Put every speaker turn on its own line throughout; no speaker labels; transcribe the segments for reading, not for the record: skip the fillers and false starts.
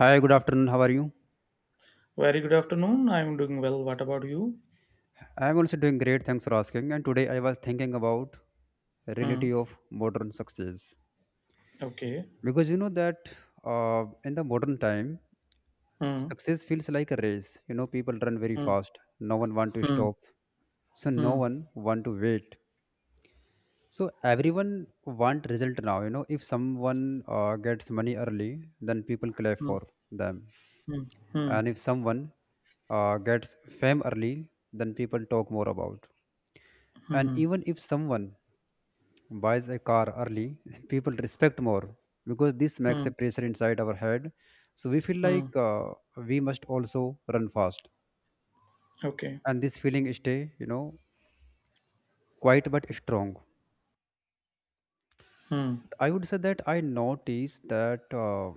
Hi, good afternoon. How are you?
Very good afternoon. I'm doing well. What about you?
I'm also doing great. Thanks for asking. And today I was thinking about reality
Hmm.
of modern success
Okay.
because you know that in the modern time,
Hmm.
success feels like a race. You know, people run very
Hmm.
fast. No one want to
Hmm.
stop, so no
Hmm.
one want to wait. So everyone want result now. You know, if someone gets money early, then people clap
Hmm.
for them,
Hmm. Hmm.
and if someone gets fame early, then people talk more about. And
Hmm.
even if someone buys a car early, people respect more because this makes a
Hmm.
pressure inside our head. So we feel like
Hmm.
we must also run fast.
Okay.
And this feeling stay, you know, quiet but strong.
Hmm.
I would say that I notice that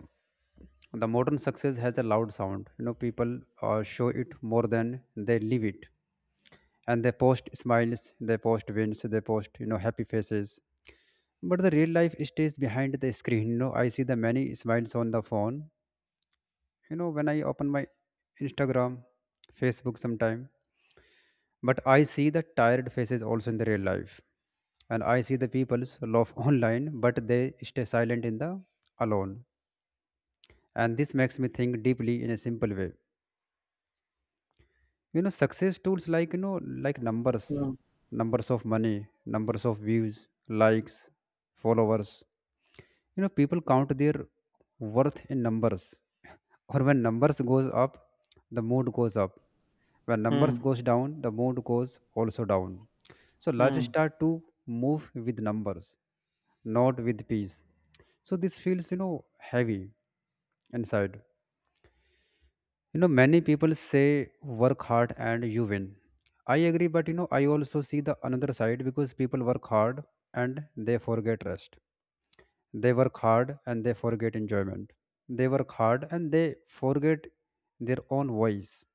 the modern success has a loud sound. You know, people show it more than they live it. And they post smiles, they post wins, they post, you know, happy faces, but the real life stays behind the screen. You know, I see the many smiles on the phone, you know, when I open my Instagram, Facebook sometime, but I see the tired faces also in the real life, and I see the people's laugh online, but they stay silent in the alone. And this makes me think deeply in a simple way. You know, success tools like, you know, like numbers,
Hmm.
numbers of money, numbers of views, likes, followers. You know, people count their worth in numbers. Or when numbers goes up, the mood goes up. When numbers
Hmm.
goes down, the mood goes also down. So life
Hmm.
start to move with numbers, not with peace. So this feels, you know, heavy inside. You know, many people say work hard and you win. I agree, but you know, I also see the another side because people work hard and they forget rest. They work hard and they forget enjoyment. They work hard and they forget their own voice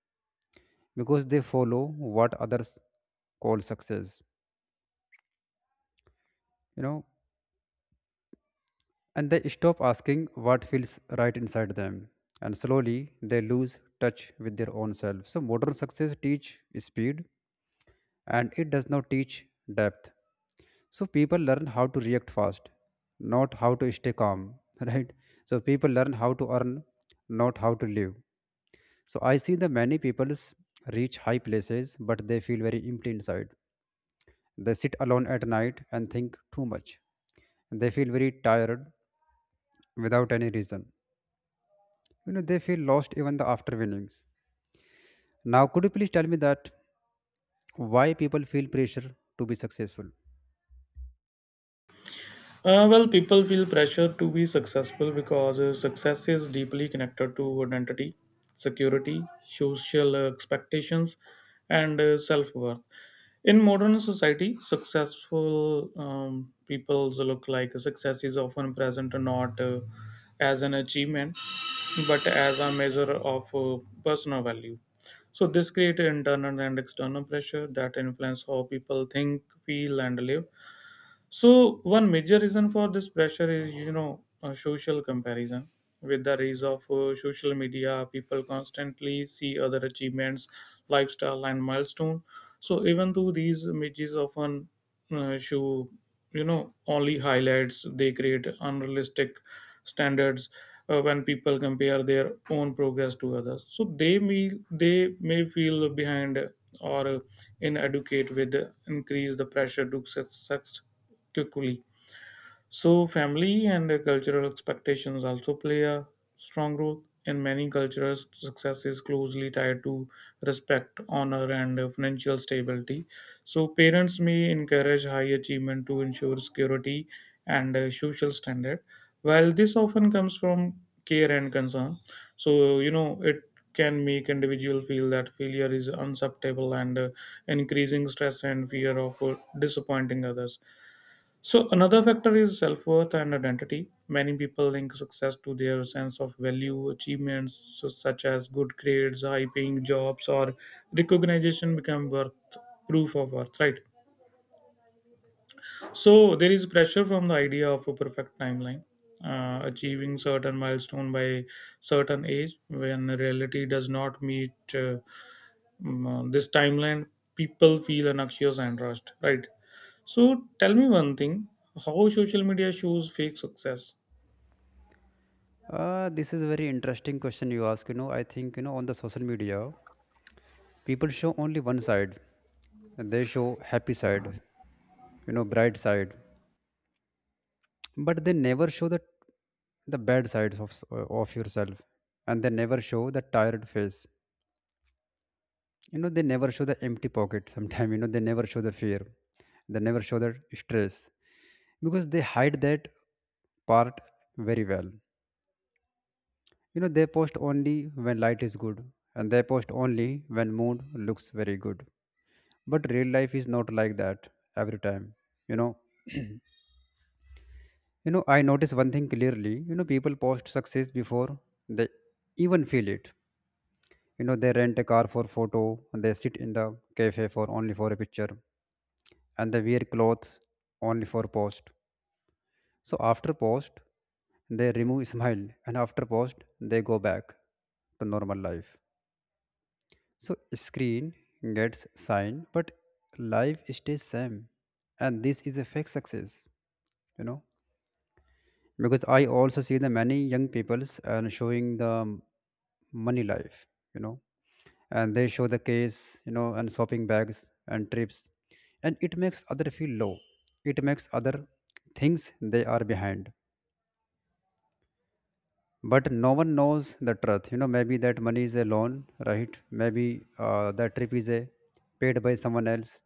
because they follow what others call success, you know, and they stop asking what feels right inside them. And slowly they lose touch with their own self. So modern success teach speed and it does not teach depth. So people learn how to react fast, not how to stay calm, right? So people learn how to earn, not how to live. So I see the many peoples reach high places, but they feel very empty inside. They sit alone at night and think too much. They feel very tired without any reason. You know, they feel lost even the after winnings. Now, could you please tell me that why people feel pressure to be successful?
Well, people feel pressure to be successful because success is deeply connected to identity, security, social expectations, and self worth. In modern society, successful people's look like success is often present not as an achievement but as a measure of personal value. So, this creates internal and external pressure that influence how people think, feel, and live. So one major reason for this pressure is social comparison. With the rise of social media, people constantly see other achievements, lifestyle, and milestone. So even though these images often show only highlights, they create unrealistic standards when people compare their own progress to others. So they may feel behind or inadequate with increase the pressure to success quickly. So, family and cultural expectations also play a strong role. In many cultures, success is closely tied to respect, honor, and financial stability. So, parents may encourage high achievement to ensure security and social standard. While this often comes from care and concern, so it can make individual feel that failure is unacceptable and increasing stress and fear of disappointing others. So another factor is self-worth and identity. Many people link success to their sense of value, achievements such as good grades, high-paying jobs, or recognition become worth proof of worth, right? So there is pressure from the idea of a perfect timeline, achieving certain milestone by certain age. When reality does not meet this timeline, people feel anxious and rushed, right? So tell me one thing. How social media shows fake success?
This is a very interesting question you ask. You know, I think, you know, on the social media, people show only one side. And they show happy side, you know, bright side. But they never show the bad sides of of yourself. And they never show the tired face. You know, they never show the empty pocket sometimes, you know, they never show the fear. They never show the stress. Because they hide that part very well. You know, they post only when light is good, and they post only when mood looks very good. But real life is not like that every time. You know, you know, I notice one thing clearly. You know, people post success before they even feel it. You know, they rent a car for photo, and they sit in the cafe for only for a picture, and they wear clothes only for post. So after post, they remove smile, and after post, they go back to normal life. So screen gets signed, but life stays same, and this is a fake success, you know. Because I also see the many young peoples and showing the money life, you know, and they show the case, you know, and shopping bags and trips, and it makes other feel low. It makes other things they are behind. But no one knows the truth. You know, maybe that money is a loan, right? Maybe that trip is a paid by someone else.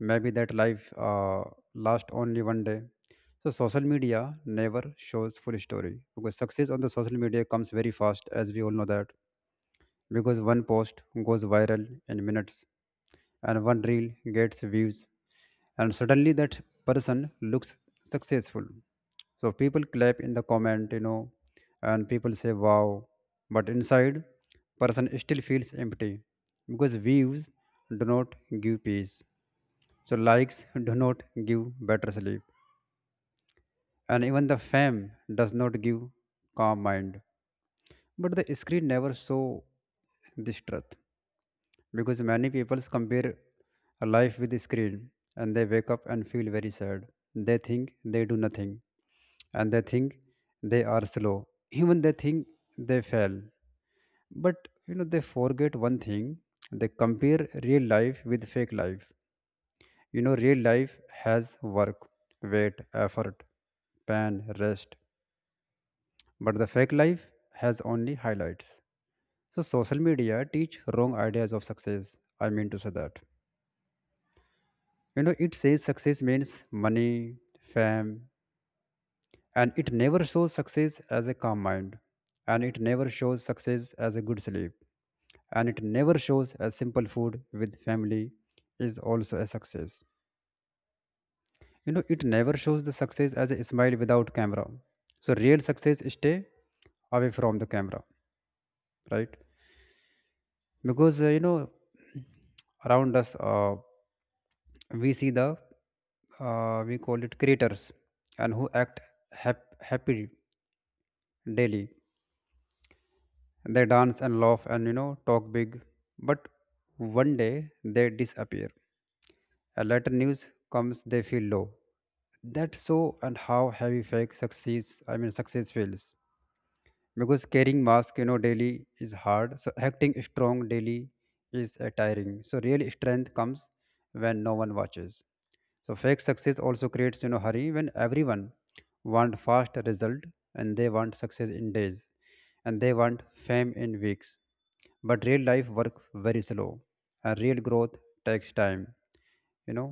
Maybe that life lasts only one day. So social media never shows full story because success on the social media comes very fast, as we all know that because one post goes viral in minutes, and one reel gets views, and suddenly that person looks successful. So people clap in the comment, you know, and people say wow, but inside person still feels empty because views do not give peace. So likes do not give better sleep, and even the fame does not give calm mind, but the screen never saw this truth because many people compare a life with a screen, and they wake up and feel very sad. They think they do nothing and they think they are slow. Even they think they fail. But you know they forget one thing. They compare real life with fake life. You know real life has work, weight, effort, pain, rest. But the fake life has only highlights. So social media teach wrong ideas of success. I mean to say that. You know, it says success means money, fame, and it never shows success as a calm mind, and it never shows success as a good sleep, and it never shows a simple food with family is also a success. You know, it never shows the success as a smile without camera. So real success stay away from the camera, right? Because you know, around us, we see the we call it creators and who act happy daily. They dance and laugh and you know talk big, but one day they disappear. A later news comes, they feel low. That's so and how heavy fake success, I mean success feels because carrying mask, you know, daily is hard. So acting strong daily is tiring. So real strength comes when no one watches. So fake success also creates, you know, hurry when everyone want fast result, and they want success in days, and they want fame in weeks, but real life work very slow, and real growth takes time, you know.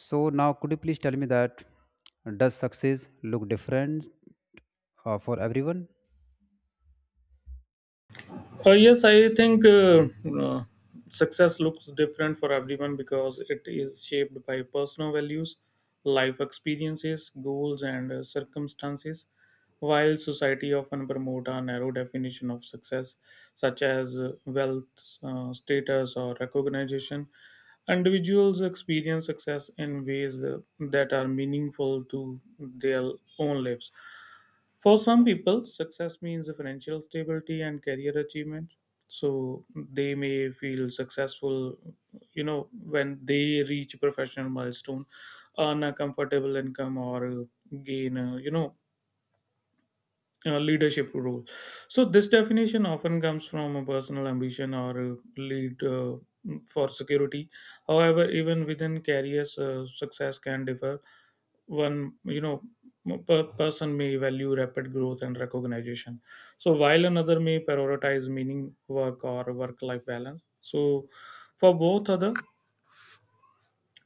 So now could you please tell me that does success look different for everyone?
Yes, I think success looks different for everyone because it is shaped by personal values, life experiences, goals, and circumstances. While society often promote a narrow definition of success, such as wealth, status, or recognition, individuals experience success in ways that are meaningful to their own lives. For some people, success means financial stability and career achievement. So they may feel successful, when they reach a professional milestone, earn a comfortable income, or gain, leadership role. So this definition often comes from a personal ambition or a lead for security. However, even within careers, success can differ. One, per person may value rapid growth and recognition. So while another may prioritize meaning, work, or work-life balance. So for both other,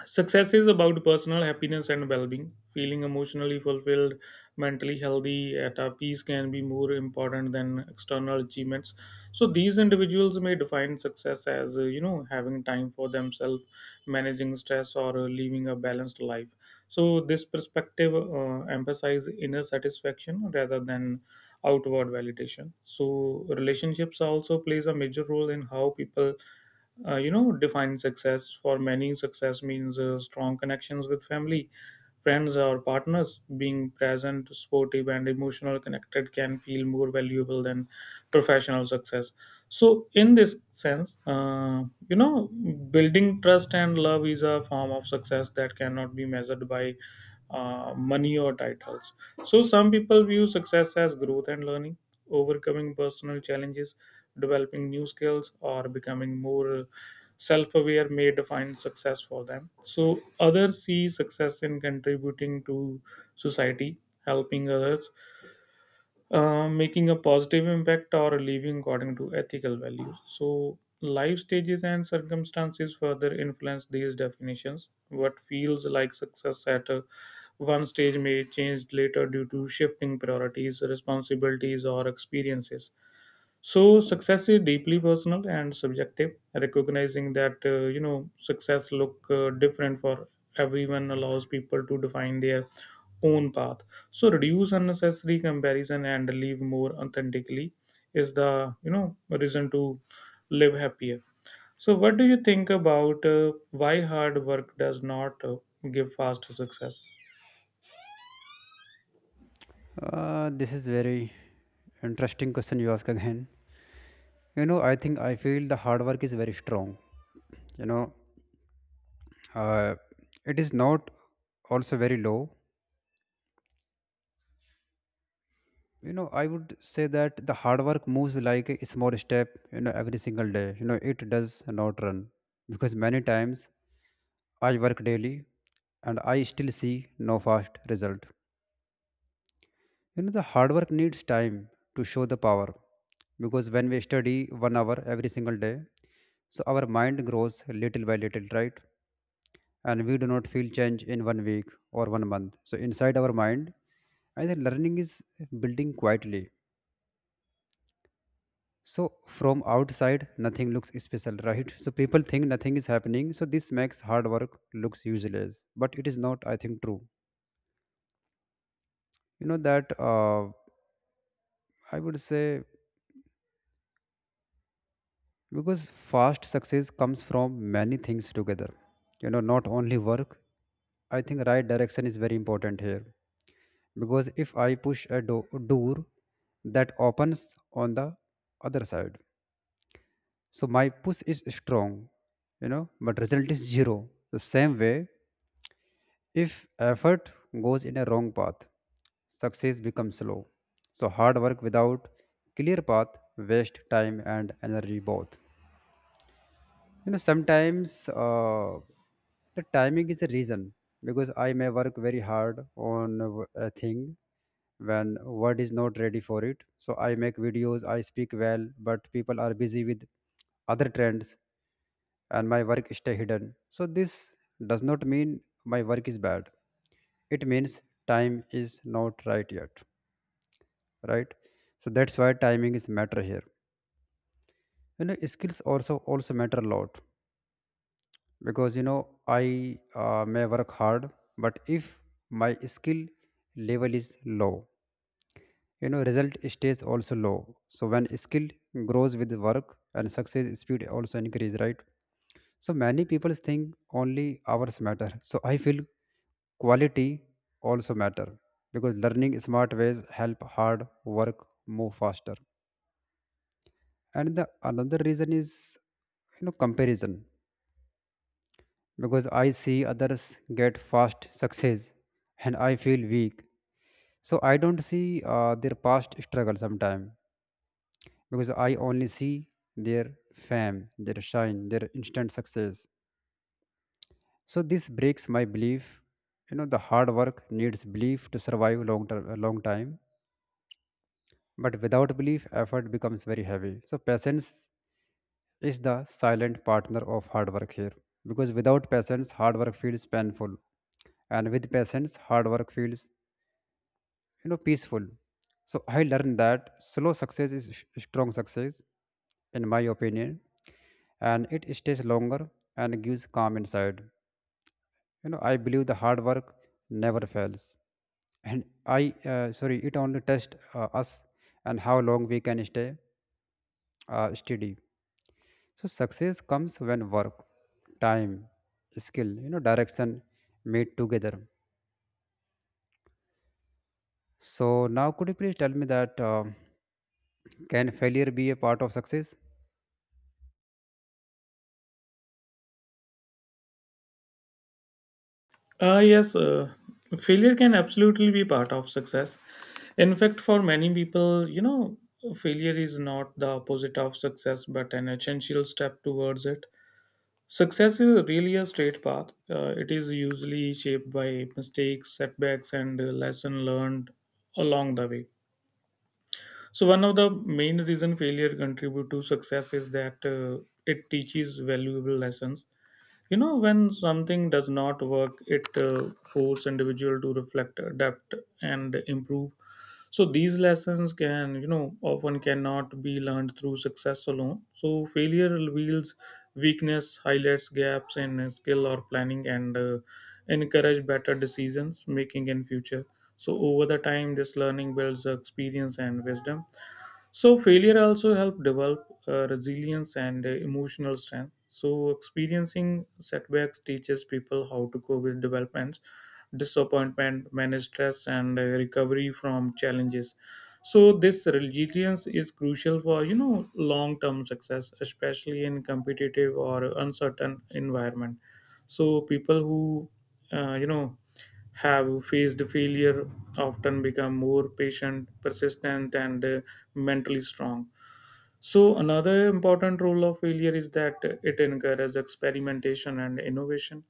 success is about personal happiness and well being. Feeling emotionally fulfilled, mentally healthy, at our peace can be more important than external achievements. So, these individuals may define success as, having time for themselves, managing stress, or living a balanced life. So, this perspective emphasizes inner satisfaction rather than outward validation. So, relationships also plays a major role in how people define success. For many, success means strong connections with family, friends, or partners. Being present, supportive, and emotional connected can feel more valuable than professional success. So in this sense, you know building trust and love is a form of success that cannot be measured by money or titles. So some people view success as growth and learning, overcoming personal challenges, developing new skills, or becoming more self-aware may define success for them. So others see success in contributing to society, helping others, making a positive impact, or living according to ethical values. So, life stages and circumstances further influence these definitions. What feels like success at a, one stage may change later due to shifting priorities, responsibilities, or experiences. So success is deeply personal and subjective. Recognizing that, success look different for everyone allows people to define their own path, so reduce unnecessary comparison and live more authentically is the, reason to live happier. So what do you think about why hard work does not give fast success?
This is very interesting question you ask again. You know, I think I feel the hard work is very strong. You know, uh, it is not also very low. You know, I would say that the hard work moves like a small step. You know, every single day. You know, it does not run because many times I work daily and I still see no fast result. You know, the hard work needs time to show the power because when we study one hour every single day, so our mind grows little by little, right? And we do not feel change in one week or one month. So inside our mind, I think learning is building quietly. So from outside, nothing looks special, right? So people think nothing is happening. So this makes hard work looks useless, but it is not, I think, true. You know that I would say because fast success comes from many things together, you know, not only work. I think right direction is very important here, because if I push a door that opens on the other side, so my push is strong, you know, but result is zero. The same way, if effort goes in a wrong path, success becomes slow. So hard work without clear path waste time and energy both. You know, sometimes the timing is a reason because I may work very hard on a a thing when word is not ready for it. So I make videos, I speak well, but people are busy with other trends and my work stay hidden. So this does not mean my work is bad. It means time is not right yet, right? So that's why timing is matter here. You know, skills also matter a lot because you know I may work hard, but if my skill level is low, you know result stays also low. So when skill grows with work and success speed also increase, right? So many people think only hours matter. So I feel quality also matter because learning smart ways help hard work move faster. And the another reason is, you know, comparison because I see others get fast success and I feel weak. So I don't see their past struggle sometimes because I only see their fame, their shine, their instant success. So this breaks my belief. You know, the hard work needs belief to survive long term, long time. But without belief, effort becomes very heavy. So patience is the silent partner of hard work here because without patience, hard work feels painful, and with patience, hard work feels peaceful. So I learned that slow success is strong success, in my opinion, and it stays longer and gives calm inside. You know, I believe the hard work never fails, and I sorry it only tests us and how long we can stay steady. So success comes when work, time, skill, you know, direction meet together. So now, could you please tell me that, can failure be a part of success?
Yes, failure can absolutely be part of success. In fact, for many people, failure is not the opposite of success but an essential step towards it. Success is really a straight path. It is usually shaped by mistakes, setbacks, and lesson learned along the way. So one of the main reason failure contribute to success is that it teaches valuable lessons. When something does not work, it force individual to reflect, adapt, and improve. So these lessons can often cannot be learned through success alone. So failure reveals weakness, highlights gaps in skill or planning, and encourage better decisions making in future. So over the time, this learning builds experience and wisdom. So failure also help develop resilience and emotional strength. So experiencing setbacks teaches people how to cope with developments, disappointment, manage stress, and recovery from challenges. So this resilience is crucial for long-term success, especially in competitive or uncertain environment. So people who uh, you know have faced failure often become more patient, persistent, and mentally strong. So another important role of failure is that it encourages experimentation and innovation.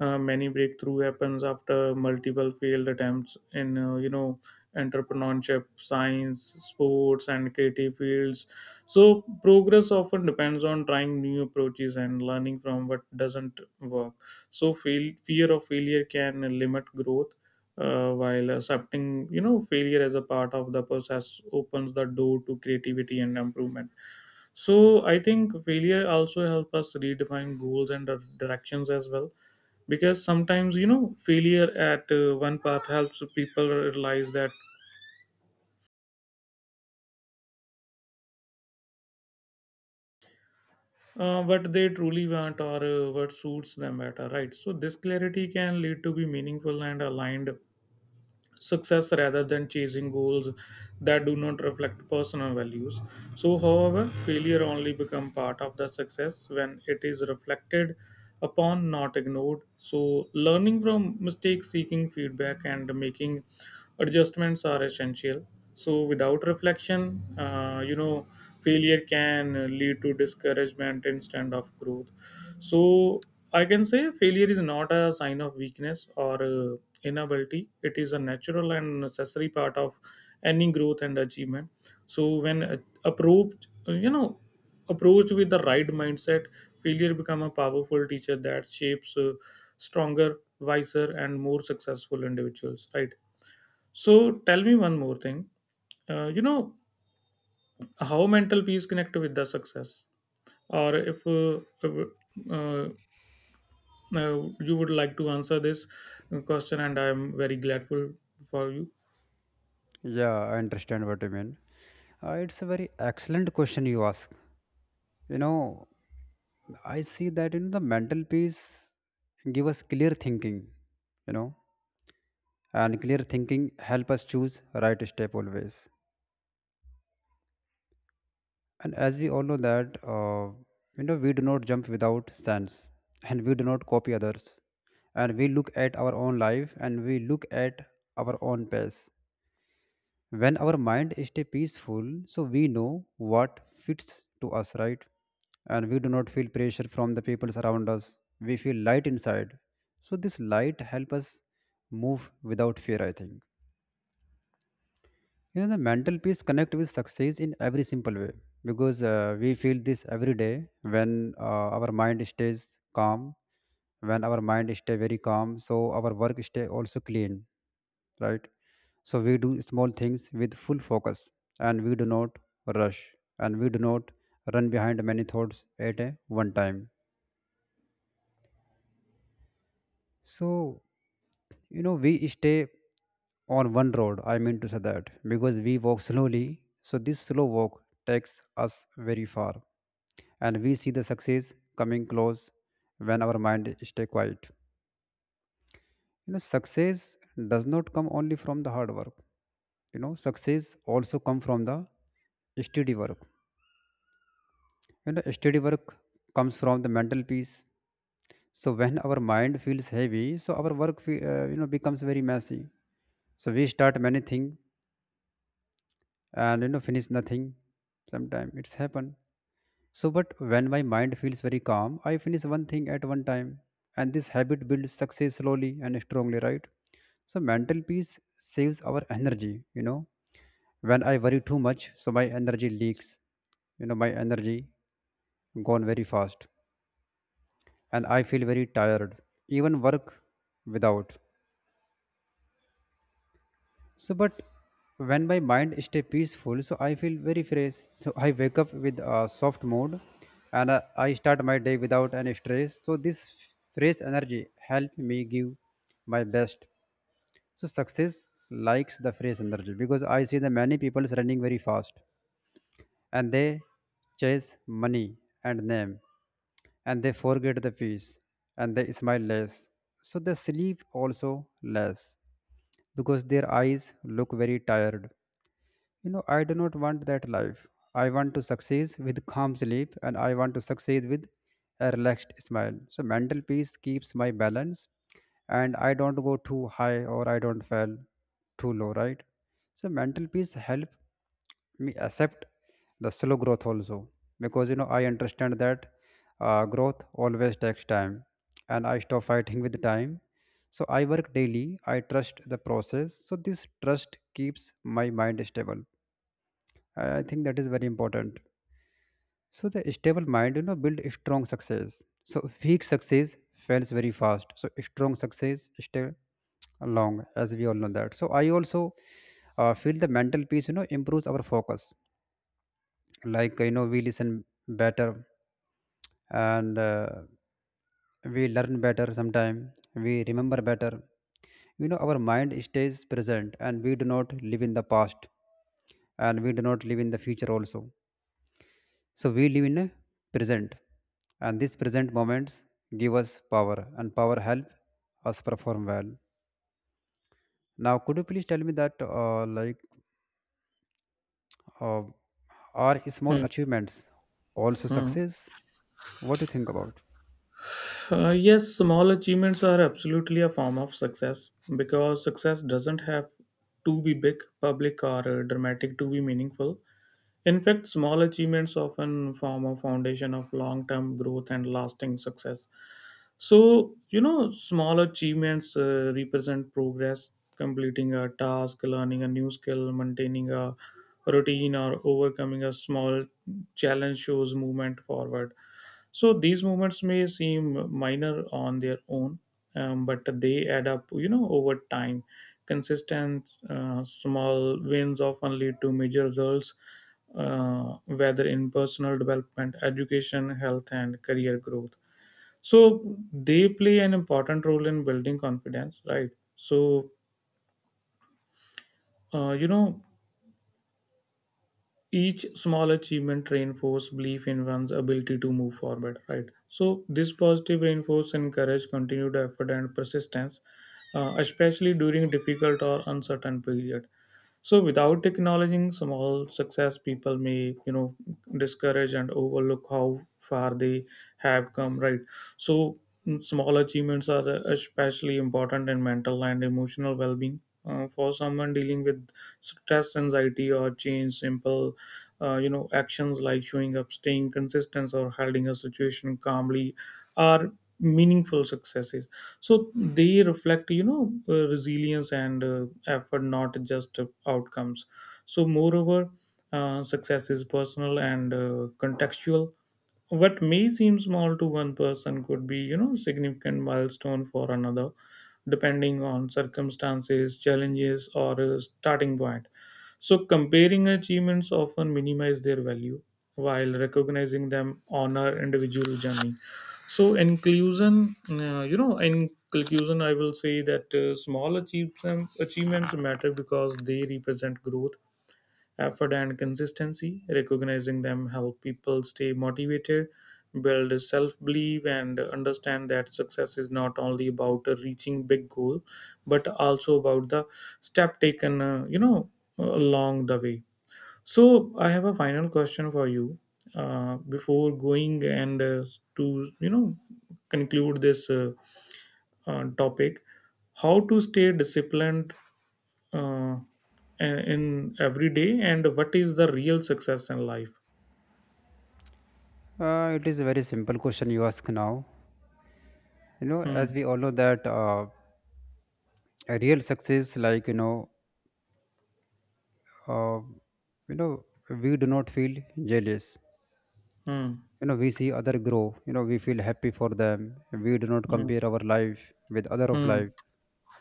Many breakthrough happens after multiple failed attempts in entrepreneurship, science, sports, and creative fields. So progress often depends on trying new approaches and learning from what doesn't work. So fear of failure can limit growth. While accepting, failure as a part of the process opens the door to creativity and improvement. So I think failure also helps us redefine goals and directions as well. Because sometimes, failure at one path helps people realize that what they truly want or what suits them better, right? So this clarity can lead to be meaningful and aligned success rather than chasing goals that do not reflect personal values. So, however, failure only become part of the success when it is reflected upon, not ignored. So, learning from mistakes, seeking feedback, and making adjustments are essential. So, without reflection, failure can lead to discouragement instead of growth. So I can say failure is not a sign of weakness or inability. It is a natural and necessary part of any growth and achievement. So when approached, you know, approached with the right mindset, failure become a powerful teacher that shapes stronger, wiser, and more successful individuals. Right. So tell me one more thing. Uh, you know how mental peace connect with the success? Or if uh, you would like to answer this question, and I am very grateful for you.
Yeah, I understand what you mean. It's a very excellent question you ask. You know, I see that in the mental peace give us clear thinking, you know, and clear thinking help us choose right step always. And as we all know that, you know, we do not jump without sense, and we do not copy others, and we look at our own life, and we look at our own pace. When our mind stay peaceful, so we know what fits to us, right? And we do not feel pressure from the people around us, we feel light inside. So this light help us move without fear, I think. You know, the mental peace connect with success in every simple way, because we feel this every day when our mind stays calm. When our mind stay very calm, so our work stay also clean, right? So we do small things with full focus, and we do not rush, and we do not run behind many thoughts at a one time. So, you know, we stay on one road, I mean to say that, because we walk slowly. So this slow walk takes us very far, and we see the success coming close when our mind stay quiet. You know, success does not come only from the hard work. You know, success also come from the steady work. You know, steady work comes from the mental peace. So when our mind feels heavy, so our work you know, becomes very messy. So we start many things and, you know, finish nothing. Sometime it's happen. So but when my mind feels very calm, I finish one thing at one time, and this habit builds success slowly and strongly, right? So mental peace saves our energy, you know. When I worry too much, so my energy leaks. You know, my energy gone very fast, and I feel very tired, even work without. So, but when my mind stay peaceful, so I feel very fresh. So I wake up with a soft mood, and I start my day without any stress. So this fresh energy help me give my best. So success likes the fresh energy, because I see the many people is running very fast, and they chase money and name, and they forget the peace, and they smile less. So they sleep also less because their eyes look very tired. You know, I do not want that life. I want to succeed with calm sleep, and I want to succeed with a relaxed smile. So mental peace keeps my balance, and I don't go too high or I don't fall too low, right? So mental peace help me accept the slow growth also, because you know, I understand that growth always takes time, and I stop fighting with time. So I work daily, I trust the process. So this trust keeps my mind stable. I think that is very important. So the stable mind, you know, build a strong success. So weak success fails very fast. So strong success stay long, as we all know that. So I also feel the mental peace, you know, improves our focus. Like, you know, we listen better and we learn better. Sometime we remember better. You know, our mind stays present, and we do not live in the past, and we do not live in the future also. So we live in a present, and these present moments give us power, and power help us perform well. Now, could you please tell me that, like, uh, are small
Hmm.
achievements also
Hmm.
success? What do you think about?
Yes, small achievements are absolutely a form of success because success doesn't have to be big, public, or dramatic to be meaningful. In fact, small achievements often form a foundation of long term growth and lasting success. So, small achievements represent progress. Completing a task, learning a new skill, maintaining a routine, or overcoming a small challenge shows movement forward. So, these movements may seem minor on their own, but they add up, over time. Consistent small wins often lead to major results, whether in personal development, education, health, and career growth. So they play an important role in building confidence, right? So, uh, you know, each small achievement reinforce belief in one's ability to move forward, right? So this positive reinforce encourage continued effort and persistence, especially during difficult or uncertain period. So without acknowledging small success, people may discourage and overlook how far they have come, right? So small achievements are especially important in mental and emotional well-being. For someone dealing with stress, anxiety, or change, simple actions like showing up, staying consistent, or handling a situation calmly are meaningful successes. So they reflect, resilience and effort, not just outcomes. So moreover, success is personal and contextual. What may seem small to one person could be, significant milestone for another, depending on circumstances, challenges, or a starting point. So comparing achievements often minimize their value, while recognizing them honor individual journey. So inclusion, you know in conclusion, I will say that small achievements matter because they represent growth, effort, and consistency. Recognizing them help people stay motivated, build self-belief, and understand that success is not only about reaching big goal, but also about the step taken, along the way. So I have a final question for you, before going and to you know conclude this topic. How to stay disciplined uh, in every day, and what is the real success in life?
It is a very simple question you ask now. You know,
Hmm.
as we all know that a real success, like, uh, you know, we do not feel jealous.
Hmm.
You know, we see other grow, you know, we feel happy for them. We do not
Hmm.
compare our life with other of
Hmm.
life.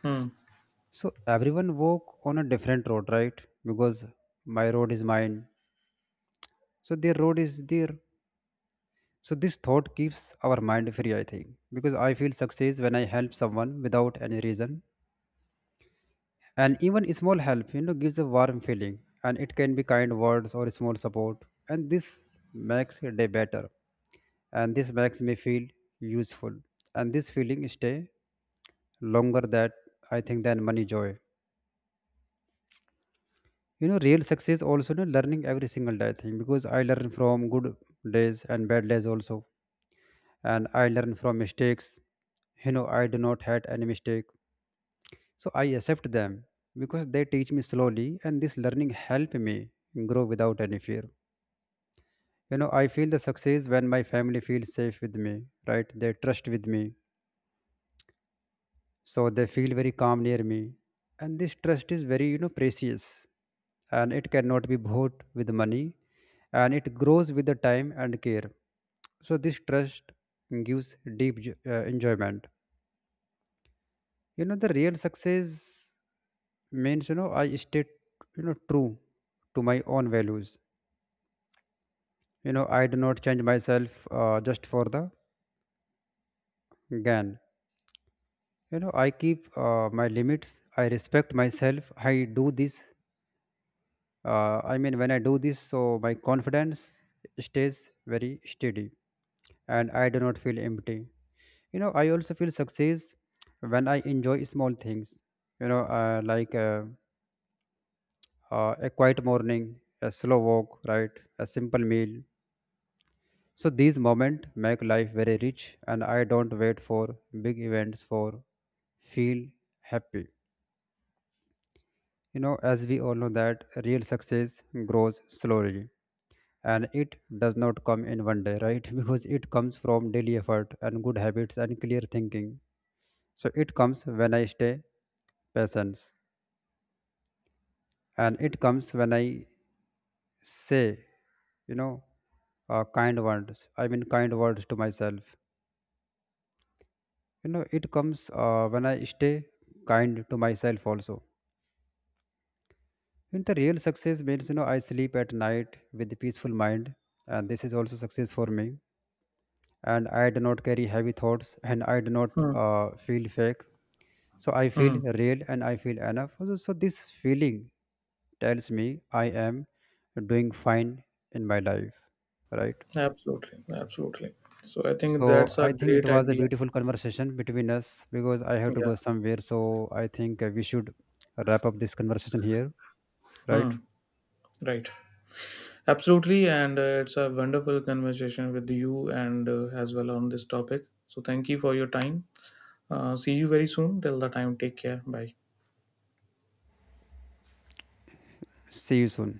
Hmm.
So everyone walk on a different road, right? Because my road is mine, so their road is their. So this thought keeps our mind free, I think, because I feel success when I help someone without any reason. And even small help, you know, gives a warm feeling, and it can be kind words or small support, and this makes a day better, and this makes me feel useful, and this feeling stay longer that I think than money joy. You know, real success also, you know, learning every single day thing, because I learn from good days and bad days also, and I learn from mistakes. You know, I do not had any mistake, so I accept them because they teach me slowly, and this learning help me grow without any fear. You know, I feel the success when my family feels safe with me, right? They trust with me, so they feel very calm near me, and this trust is very, you know, precious, and it cannot be bought with money, and it grows with the time and care. So this trust gives deep enjoyment. You know, the real success means, you know, I stay, you know, true to my own values. You know, I do not change myself just for the gain. You know, I keep my limits, I respect myself, I do this I mean, when I do this, so my confidence stays very steady, and I do not feel empty. You know, I also feel success when I enjoy small things, you know, like a quiet morning, a slow walk, right, a simple meal. So these moments make life very rich, and I don't wait for big events for feel happy. You know, as we all know that real success grows slowly, and it does not come in one day, right? Because it comes from daily effort and good habits and clear thinking. So it comes when I stay patient, and it comes when I say, you know, kind words to myself. You know, it comes when I stay kind to myself also. In the real success means, you know, I sleep at night with a peaceful mind, and this is also success for me. And I do not carry heavy thoughts, and I do not
Hmm.
feel fake. So I
Hmm.
feel real and I feel enough. So this feeling tells me I am doing fine in my life, right?
Absolutely, absolutely. So I think
So
that's a
I think it
great
was a
idea.
beautiful conversation between us because I have to go
Yeah.
somewhere. So I think we should wrap up this conversation here, right?
Hmm. Right. Absolutely. And it's a wonderful conversation with you and as well on this topic. So thank you for your time. See you very soon. Till the time, take care. Bye.
See you soon.